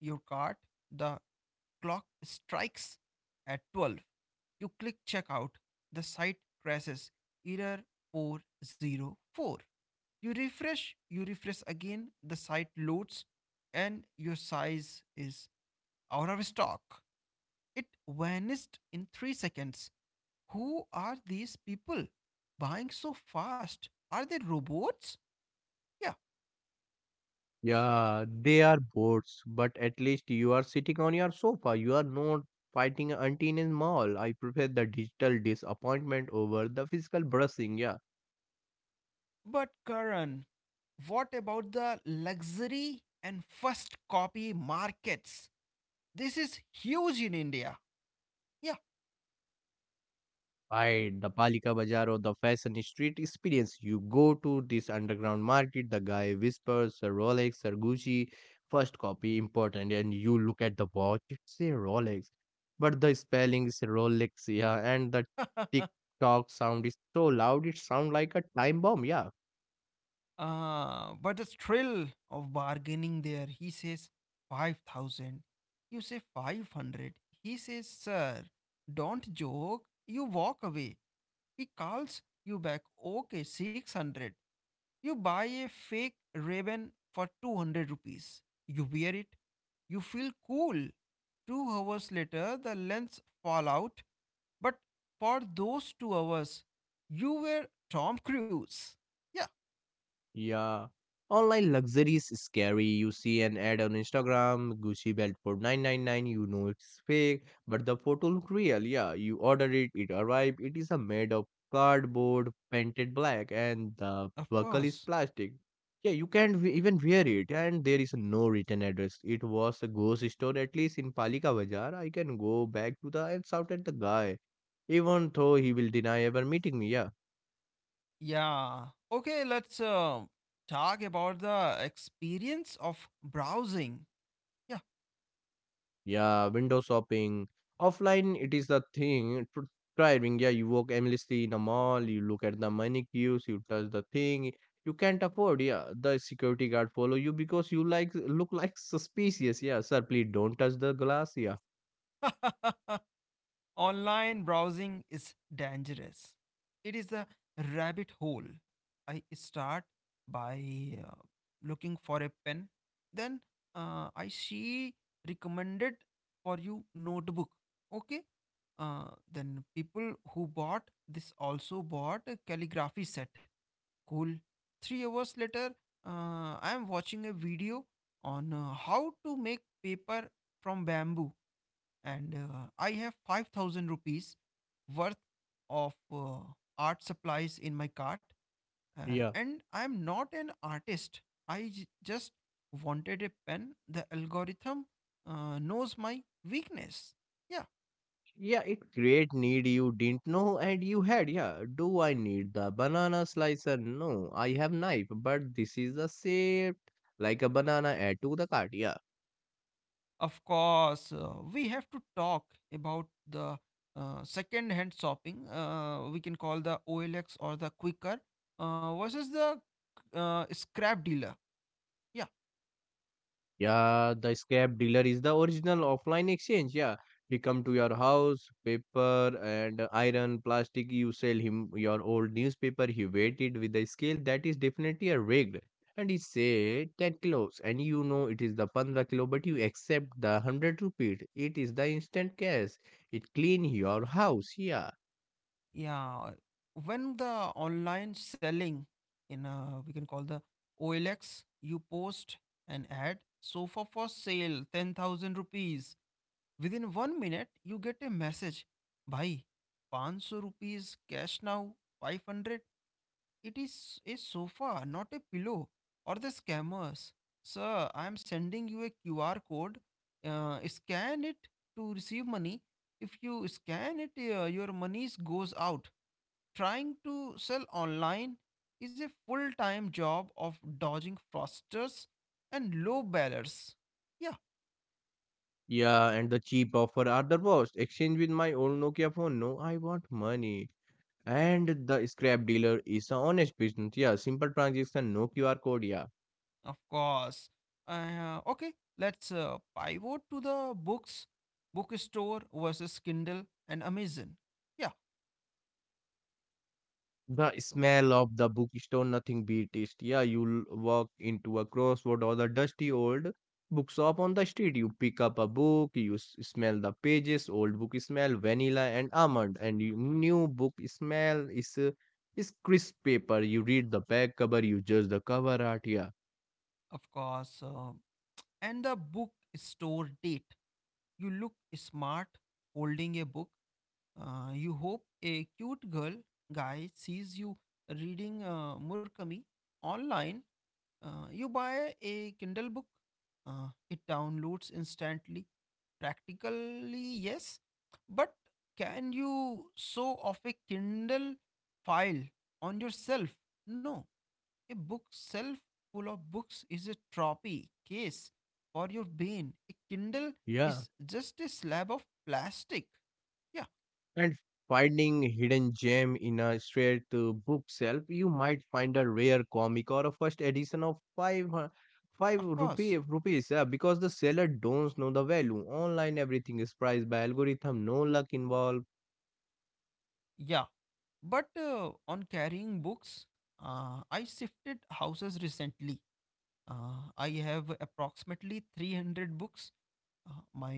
[SPEAKER 2] your cart. The clock strikes at 12, you click checkout. The site crashes error 404. You refresh again, the site loads, and your size is out of stock. It vanished in 3 seconds. Who are these people buying so fast? Are they robots? Yeah,
[SPEAKER 1] Yeah, they are boards, but at least you are sitting on your sofa. You are not fighting an auntie in a mall. I prefer the digital disappointment over the physical brushing, yeah.
[SPEAKER 2] but Karan, what about the luxury and first copy markets? This is huge in India. Yeah.
[SPEAKER 1] Right, the Palika Bazaar or the fashion street experience. You go to this underground market, the guy whispers a Rolex or Gucci, first copy important, and you look at the watch, it say Rolex, but the spelling is Rolex, yeah, and the TikTok sound is so loud, it sound like a time bomb, yeah.
[SPEAKER 2] Ah, but the thrill of bargaining there. He says 5,000. You say 500. He says, Sir, don't joke. You walk away. He calls you back, okay, 600. You buy a fake Raven for 200 rupees. You wear it. You feel cool. 2 hours later, the lens fall out. But for those 2 hours, you were Tom Cruise. Yeah,
[SPEAKER 1] Yeah. Online luxuries is scary. You see an ad on Instagram, Gucci belt for 999, you know it's fake, but the photo look real. Yeah, you order it, it arrived. It is a made of cardboard, painted black, and the
[SPEAKER 2] of
[SPEAKER 1] buckle is
[SPEAKER 2] course.
[SPEAKER 1] plastic. Yeah, you can't even wear it, and there is no written address. It was a ghost store, at least in Palika Bazaar. I can go back to the and shout at the guy, even though he will deny ever meeting me. Yeah.
[SPEAKER 2] Yeah. Okay, let's talk about the experience of browsing.
[SPEAKER 1] Yeah, window shopping. Offline, it is the thing. Driving, yeah, you walk aimlessly in a mall, you look at the mannequins, you touch the thing you can't afford. Yeah, the security guard follow you because you like look like suspicious. Yeah, sir, please don't touch the glass. Yeah,
[SPEAKER 2] Yeah. Online browsing is dangerous. It is a rabbit hole. I start by uh, looking for a pen. Then I see recommended for you notebook. Okay. Then people who bought this also bought a calligraphy set. Cool. 3 hours later, I am watching a video on how to make paper from bamboo, and I have 5,000 rupees worth of art supplies in my cart.
[SPEAKER 1] yeah,
[SPEAKER 2] And I'm not an artist. I just wanted a pen. The algorithm knows my weakness. Yeah,
[SPEAKER 1] yeah. It create need you didn't know and you had. Yeah, do I need the banana slicer? No, I have knife, but this is a shape like a banana. Add to the cart. Yeah.
[SPEAKER 2] of course, we have to talk about the second hand shopping. We can call the OLX or the Quicker versus the scrap dealer. Yeah.
[SPEAKER 1] Yeah, the scrap dealer is the original offline exchange. Yeah, he come to your house, paper and iron, plastic. You sell him your old newspaper. He weighed it with the scale that is definitely a rigged, and he say 10 kilos, and you know it is the 15 kilo, but you accept the 100 rupees. It is the instant cash. It clean your house. Yeah.
[SPEAKER 2] Yeah, when the online selling in, we can call the OLX, you post an ad, sofa for sale, 10,000 rupees. Within 1 minute, you get a message, bhai, 500 rupees cash now, 500. It is a sofa, not a pillow or the scammers. Sir, I am sending you a QR code. Scan it to receive money. If you scan it, your money goes out trying to sell online is a full time job of dodging fraudsters and low ballers. Yeah,
[SPEAKER 1] Yeah, and the cheap offer are the worst. Exchange with my old Nokia phone. No, I want money. And the scrap dealer is a honest business. Yeah, simple transaction, no QR code. Yeah,
[SPEAKER 2] of course. Okay, let's pivot to the books, bookstore versus Kindle and Amazon. Yeah,
[SPEAKER 1] the smell of the bookstore, nothing beat it. Yeah, you'll walk into a crossroad or the dusty old bookshop on the street. You pick up a book, you smell the pages, old book smell, vanilla and almond, and you, new book smell is crisp paper. You read the back cover, you judge the cover art. Yeah,
[SPEAKER 2] of course. And the bookstore date. You look smart holding a book. You hope a cute girl guy sees you reading Murakami online. You buy a Kindle book, it downloads instantly. Practically, yes, but can you sew off a Kindle file on yourself? No, a bookshelf full of books is a trophy case for your brain. A Kindle
[SPEAKER 1] yeah.
[SPEAKER 2] is just a slab of plastic. Yeah,
[SPEAKER 1] And finding hidden gem in a straight bookshelf, you might find a rare comic or a first edition of five
[SPEAKER 2] of
[SPEAKER 1] rupee
[SPEAKER 2] course.
[SPEAKER 1] rupees. Yeah, because the seller don't know the value. Online, everything is priced by algorithm. No luck involved.
[SPEAKER 2] Yeah, but on carrying books, I shifted houses recently. I have approximately 300 books. My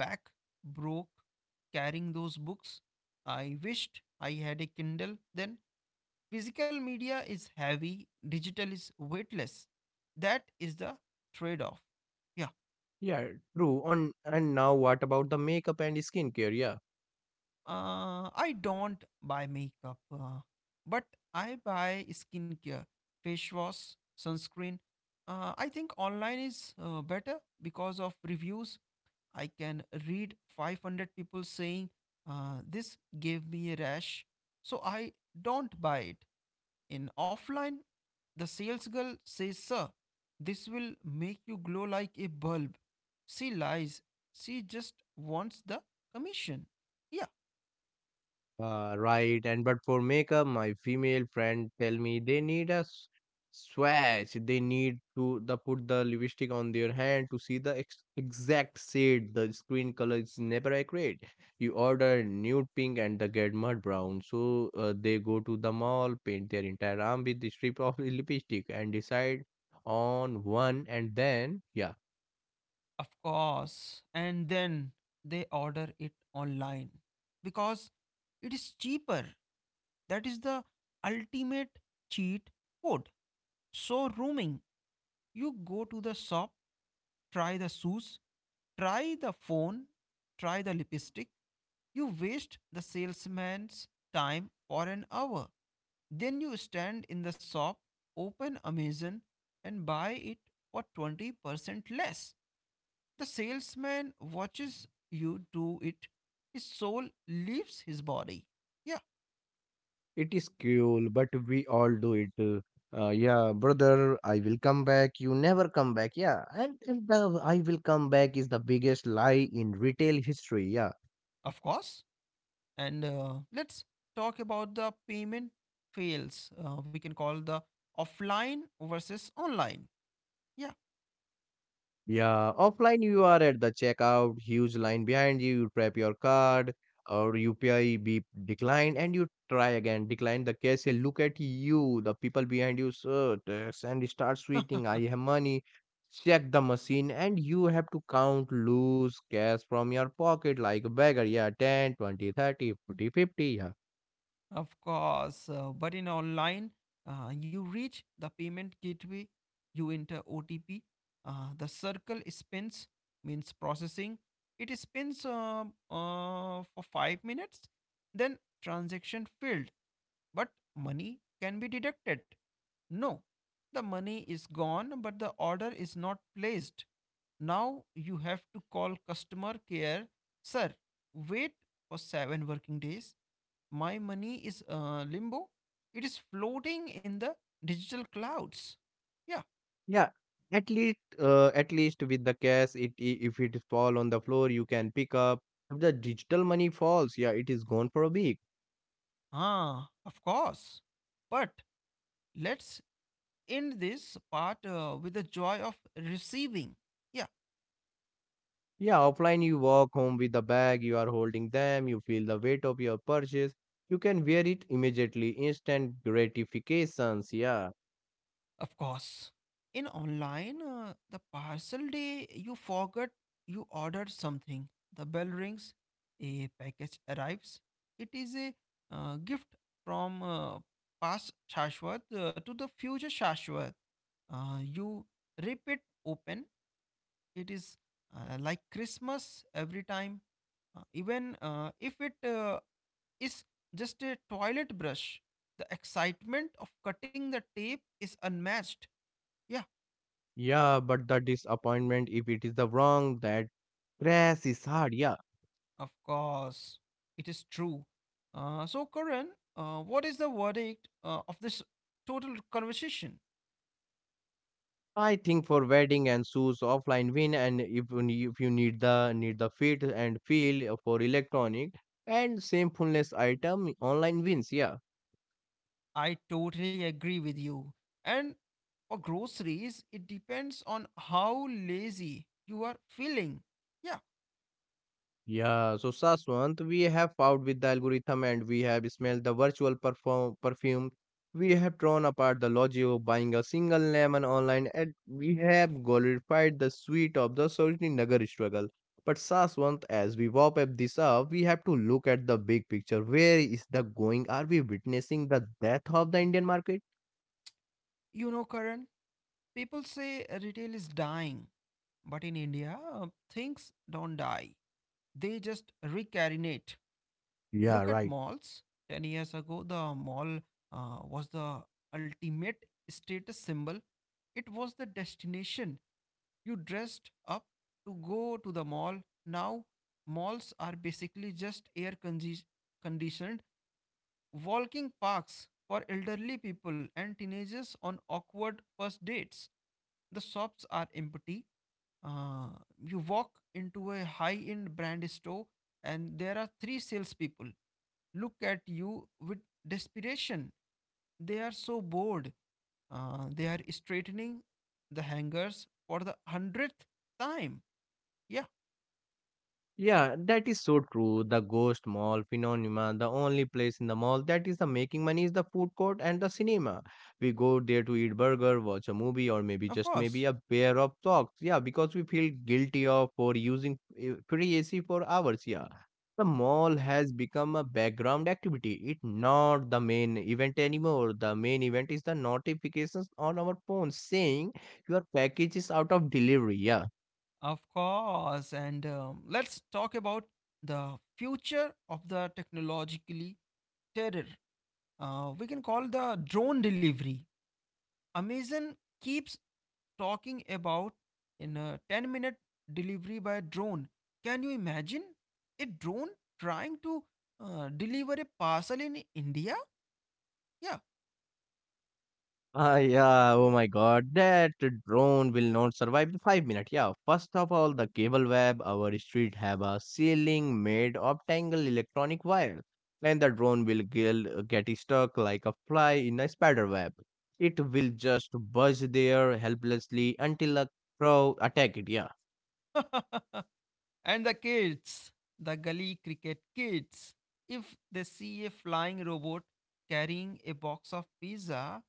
[SPEAKER 2] back broke carrying those books. I wished I had a Kindle. Then physical media is heavy, digital is weightless. That is the trade off. Yeah,
[SPEAKER 1] Yeah, true. On and now, what about the makeup and skincare? Yeah.
[SPEAKER 2] I don't buy makeup, but I buy skincare, face wash, sunscreen. I think online is better because of reviews. I can read 500 people saying this gave me a rash, so I don't buy it. In offline, the sales girl says, "Sir, this will make you glow like a bulb." She lies. She just wants the commission. Yeah,
[SPEAKER 1] Right, and but for makeup, my female friend tell me they need a swatch. They need to the put the lipstick on their hand to see the ex exact shade. The screen color is never accurate. You order nude pink and the get mud brown. So they go to the mall, paint their entire arm with the strip of lipstick, and decide on one. And then yeah.
[SPEAKER 2] of course. And then they order it online because it is cheaper. That is the ultimate cheat code. So, rooming, you go to the shop, try the shoes, try the phone, try the lipstick. You waste the salesman's time for an hour. Then you stand in the shop, open Amazon, and buy it for 20% less. The salesman watches you do it. His soul leaves his body. Yeah,
[SPEAKER 1] It is cool, but we all do it. Yeah, brother, I will come back. You never come back. Yeah, and the I will come back is the biggest lie in retail history. Yeah,
[SPEAKER 2] of course. And let's talk about the payment fails. We can call the offline versus online. Yeah.
[SPEAKER 1] Yeah, Offline you are at the checkout, huge line behind you, you prep your card or UPI beep declined and you try again, decline the cashier, look at you, the people behind you, sir, tax," and start sweating, I have money, check the machine and you have to count loose cash from your pocket like a beggar, yeah, 10, 20, 30, 40, 50. Yeah.
[SPEAKER 2] Of course, but in online, you reach the payment gateway, you enter OTP, the circle spins, means processing. It spins for 5 minutes, then transaction failed. But money can be deducted. No, the money is gone, but the order is not placed. Now you have to call customer care. Sir, wait for seven working days. My money is limbo. It is floating in the digital clouds. Yeah,
[SPEAKER 1] Yeah, at least with the cash, if it fall on the floor, you can pick up. If the digital money falls, yeah, it is gone for a week.
[SPEAKER 2] ah, of course. But let's end this part with the joy of receiving. Yeah.
[SPEAKER 1] Yeah, offline you walk home with the bag, you are holding them, you feel the weight of your purchase. You can wear it immediately, instant gratifications. Yeah,
[SPEAKER 2] Of course. In online, the parcel day, you forgot you ordered something. The bell rings, a package arrives. It is a gift from past Shashwat to the future Shashwat. You rip it open. It is like Christmas every time. Even if it is just a toilet brush, the excitement of cutting the tape is unmatched. Yeah.
[SPEAKER 1] yeah, but the disappointment if it is the wrong that crash is hard. Yeah,
[SPEAKER 2] Of course, it is true. So, Karan, what is the verdict of this total conversation?
[SPEAKER 1] I think for wedding and shoes offline win and if you need the fit and feel for electronic and same fullness item online wins, yeah.
[SPEAKER 2] I totally agree with you. And for groceries, it depends on how lazy you are feeling. Yeah,
[SPEAKER 1] Yeah, so Saswant, we have fought with the algorithm and we have smelled the virtual perform perfume. We have torn apart the logic of buying a single lemon online and we have glorified the sweet of the Nagar struggle. But Saswant, as we wrap up this up, we have to look at the big picture. Where is the going? Are we witnessing the death of the Indian market?
[SPEAKER 2] you know, Karan, people say retail is dying. But in India, things don't die, they just recarinate.
[SPEAKER 1] Yeah,
[SPEAKER 2] Look at
[SPEAKER 1] right.
[SPEAKER 2] malls. 10 years ago, the mall was the ultimate status symbol. It was the destination. You dressed up to go to the mall. Now, malls are basically just conditioned walking parks for elderly people and teenagers on awkward first dates. The shops are empty. Uh, you walk into a high end brand store, and there are three salespeople look at you with desperation. They are so bored. They are straightening the hangers for the 100th time. Yeah,
[SPEAKER 1] Yeah, that is so true. The ghost mall phenomena, the only place in the mall that is the making money is the food court and the cinema. We go there to eat burger, watch a movie, or maybe
[SPEAKER 2] of
[SPEAKER 1] just maybe
[SPEAKER 2] course.
[SPEAKER 1] a pair of socks. Yeah, because we feel guilty of for using free AC for hours. Yeah, the mall has become a background activity. It not the main event anymore. The main event is the notifications on our phone saying your package is out of delivery. Yeah.
[SPEAKER 2] Of course. And let's talk about the future of the technologically terror. We can call the drone delivery. Amazon keeps talking about in a 10-minute delivery by drone. Can you imagine a drone trying to deliver a parcel in India? Yeah.
[SPEAKER 1] Ah, yeah. Oh my God, that drone will not survive the 5 minutes. Yeah. First of all, the cable web our street have a ceiling made of tangled electronic wire, and the drone will get stuck like a fly in a spider web. It will just buzz there helplessly until a crow attack it. Yeah.
[SPEAKER 2] And the kids, the gully cricket kids, if they see a flying robot carrying a box of pizza,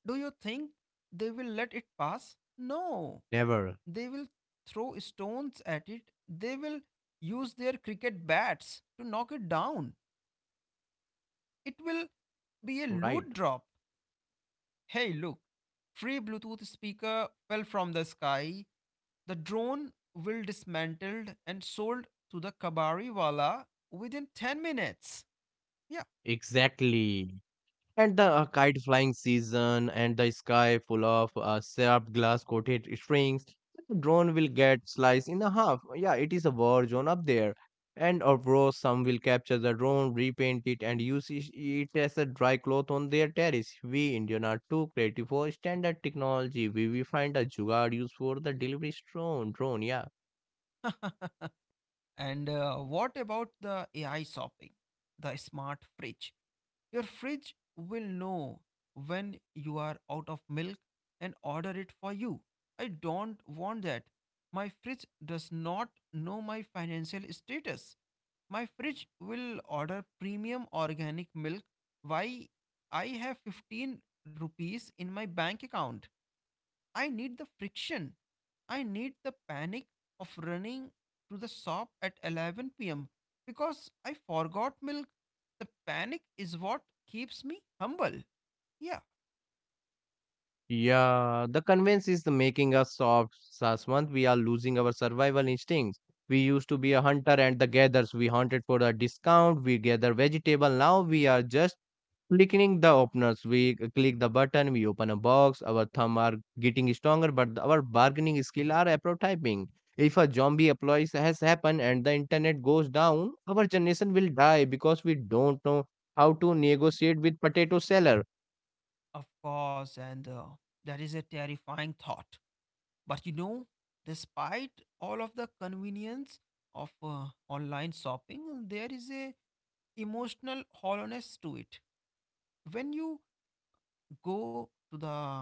[SPEAKER 2] do you think they will let it pass? No.
[SPEAKER 1] Never.
[SPEAKER 2] They will throw stones at it. They will use their cricket bats to knock it down. It will be a
[SPEAKER 1] Right.
[SPEAKER 2] loot drop. Hey, look. Free Bluetooth speaker fell from the sky. The drone will dismantled and sold to the kabari wala within 10 minutes. Yeah,
[SPEAKER 1] Exactly. And the kite flying season and the sky full of sharp glass coated strings. The drone will get sliced in a half. Yeah, it is a war zone up there. And of course, some will capture the drone, repaint it, and use it as a dry cloth on their terrace. We Indian are too creative for standard technology. We find a jugaad used for the delivery drone. Yeah.
[SPEAKER 2] and what about the AI shopping? The smart fridge. Your fridge will know when you are out of milk and order it for you. I don't want that. My fridge does not know my financial status. My fridge will order premium organic milk. Why I have 15 rupees in my bank account? I need the friction. I need the panic of running to the shop at 11 p.m. because I forgot milk. The panic is what keeps me humble. Yeah,
[SPEAKER 1] Yeah, the convenience is the making us soft, Saswant. We are losing our survival instincts. We used to be a hunter and the gatherers. We hunted for a discount. We gather vegetable. Now we are just clicking the openers. Click the button. We open a box. Our thumb are getting stronger, but our bargaining skill are prototyping. If a zombie applies has happened and the internet goes down, our generation will die because we don't know how to negotiate with potato seller.
[SPEAKER 2] of course, and that is a terrifying thought. But you know, despite all of the convenience of online shopping, there is a emotional hollowness to it. When you go to the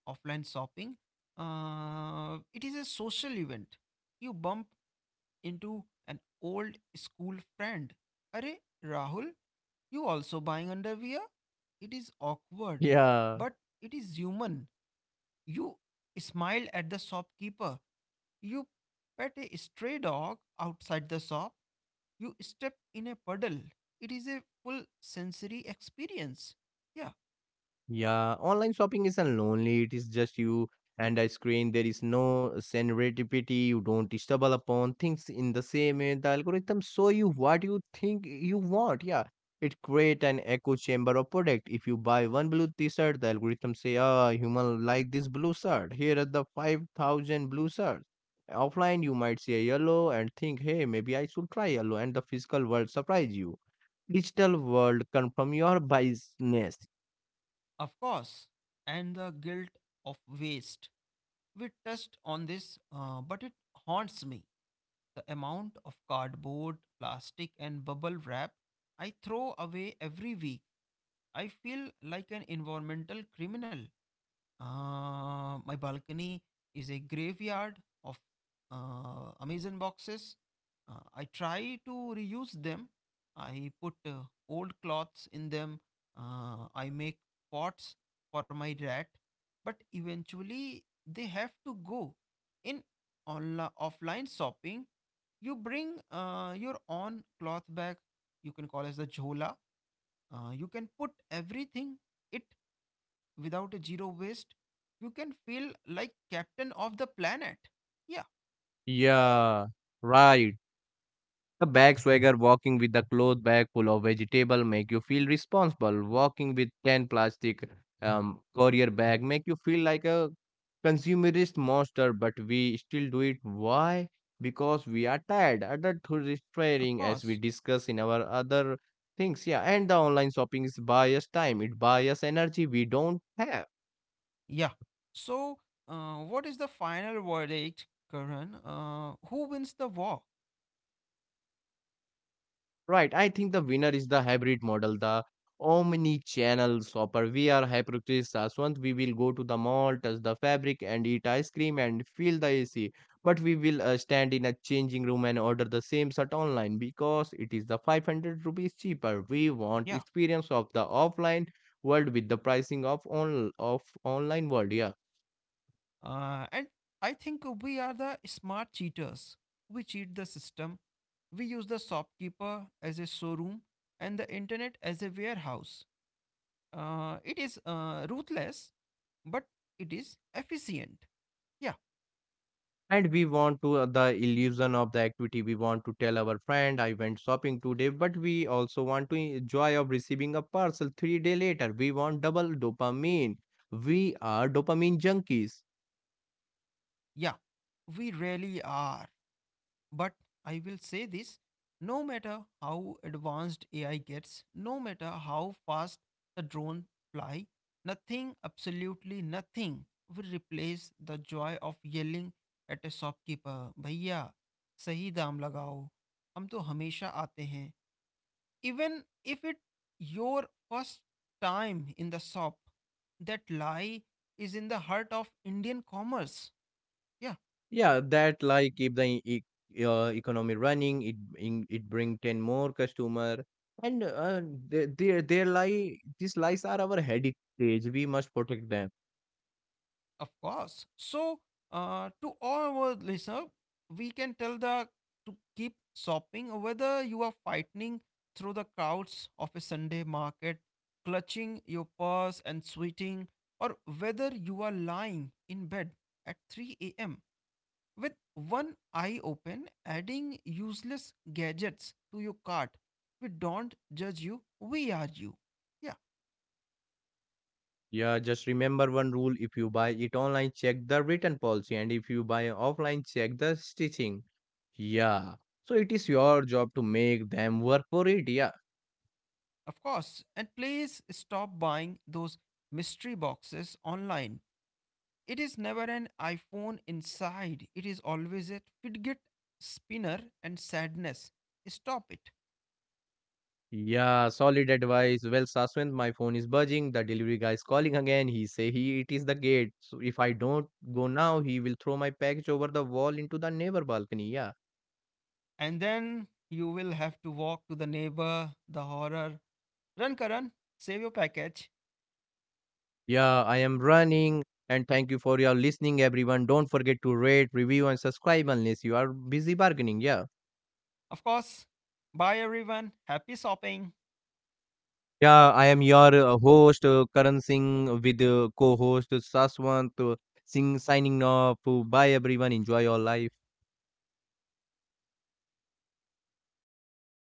[SPEAKER 2] offline shopping, it is a social event. You bump into an old school friend. Arey Rahul, you also buying underwear? It is awkward,
[SPEAKER 1] Yeah.
[SPEAKER 2] but it is human. You smile at the shopkeeper. You pet a stray dog outside the shop. You step in a puddle. It is a full sensory experience. Yeah,
[SPEAKER 1] Yeah, online shopping isn't lonely. It is a lonely its just you and a screen. There is no serendipity. You don't stumble upon things in the same way. The algorithm show you what you think you want. Yeah, it create an echo chamber of product. If you buy one blue t-shirt, the algorithm say, "Ah, human like this blue shirt. Here are the 5,000 blue shirts." Offline, you might see a yellow and think, "Hey, maybe I should try yellow." And the physical world surprise you. Digital world confirm your biasness.
[SPEAKER 2] of course, and the guilt of waste. We touched on this, but it haunts me. The amount of cardboard, plastic, and bubble wrap I throw away every week. I feel like an environmental criminal. My balcony is a graveyard of Amazon boxes. I try to reuse them. I put old cloths in them. I make pots for my rat, but eventually they have to go. In offline shopping, you bring your own cloth bag. You can call as the jhola. You can put everything. It without a zero waste, you can feel like captain of the planet. Yeah,
[SPEAKER 1] Yeah, right. A bag swagger walking with a cloth bag full of vegetable make you feel responsible. Walking with 10 plastic courier bag make you feel like a consumerist monster, but we still do it. Why? Because we are tired, adult through
[SPEAKER 2] of
[SPEAKER 1] restraining as we
[SPEAKER 2] course.
[SPEAKER 1] discuss in our other things. Yeah, and the online shopping is bias time. It bias energy we don't have.
[SPEAKER 2] Yeah. So, what is the final verdict, Karan? Who wins the war?
[SPEAKER 1] Right, I think the winner is the hybrid model, the omni-channel shopper. We are hypercritics, Saswant. We will go to the mall, touch the fabric, and eat ice cream and feel the AC. But we will stand in a changing room and order the same shirt online because it is the 500 rupees cheaper. We want
[SPEAKER 2] Yeah.
[SPEAKER 1] experience of the offline world with the pricing of on of online world. Yeah.
[SPEAKER 2] And I think we are the smart cheaters. We cheat the system. We use the shopkeeper as a showroom and the internet as a warehouse. It is ruthless, but it is efficient. Yeah,
[SPEAKER 1] And we want to the illusion of the activity. We want to tell our friend I went shopping today, but we also want to enjoy of receiving a parcel 3 day later. We want double dopamine. We are dopamine junkies.
[SPEAKER 2] yeah, we really are. But I will say this no matter how advanced AI gets, no matter how fast the drone fly, nothing, absolutely nothing, will replace the joy of yelling at a shopkeeper, भैया सही दाम लगाओ हम तो हमेशा आते हैं even if it your first time in the shop. That lie is in the heart of Indian commerce. Yeah,
[SPEAKER 1] Yeah, that like if the economy running it in, it bring 10 more customer and there lie these lies are our heritage. We must protect them.
[SPEAKER 2] of course. So, to all our listener, we can tell the to keep shopping whether you are fighting through the crowds of a Sunday market, clutching your purse and sweating, or whether you are lying in bed at 3 a.m. with one eye open, adding useless gadgets to your cart. We don't judge you. We are you. Yeah.
[SPEAKER 1] Yeah, just remember one rule, if you buy it online, check the written policy, and if you buy offline, check the stitching. Yeah, so it is your job to make them work for it. Yeah,
[SPEAKER 2] Of course. And please stop buying those mystery boxes online. It is never an iPhone inside, it is always a fidget spinner and sadness. Stop it.
[SPEAKER 1] yeah, solid advice. Well, Saswant, my phone is buzzing. The delivery guy is calling again. He say he it is the gate. So if I don't go now, he will throw my package over the wall into the neighbor balcony. Yeah,
[SPEAKER 2] And then you will have to walk to the neighbor, the horror. Run, Karan, save your package.
[SPEAKER 1] yeah, I am running. And thank you for your listening, everyone. Don't forget to rate, review, and subscribe unless you are busy bargaining. Yeah.
[SPEAKER 2] Of course. Bye, everyone. Happy shopping.
[SPEAKER 1] Yeah, I am your host, Karan Singh, with co host Saswant Singh signing off. Bye, everyone. Enjoy your life.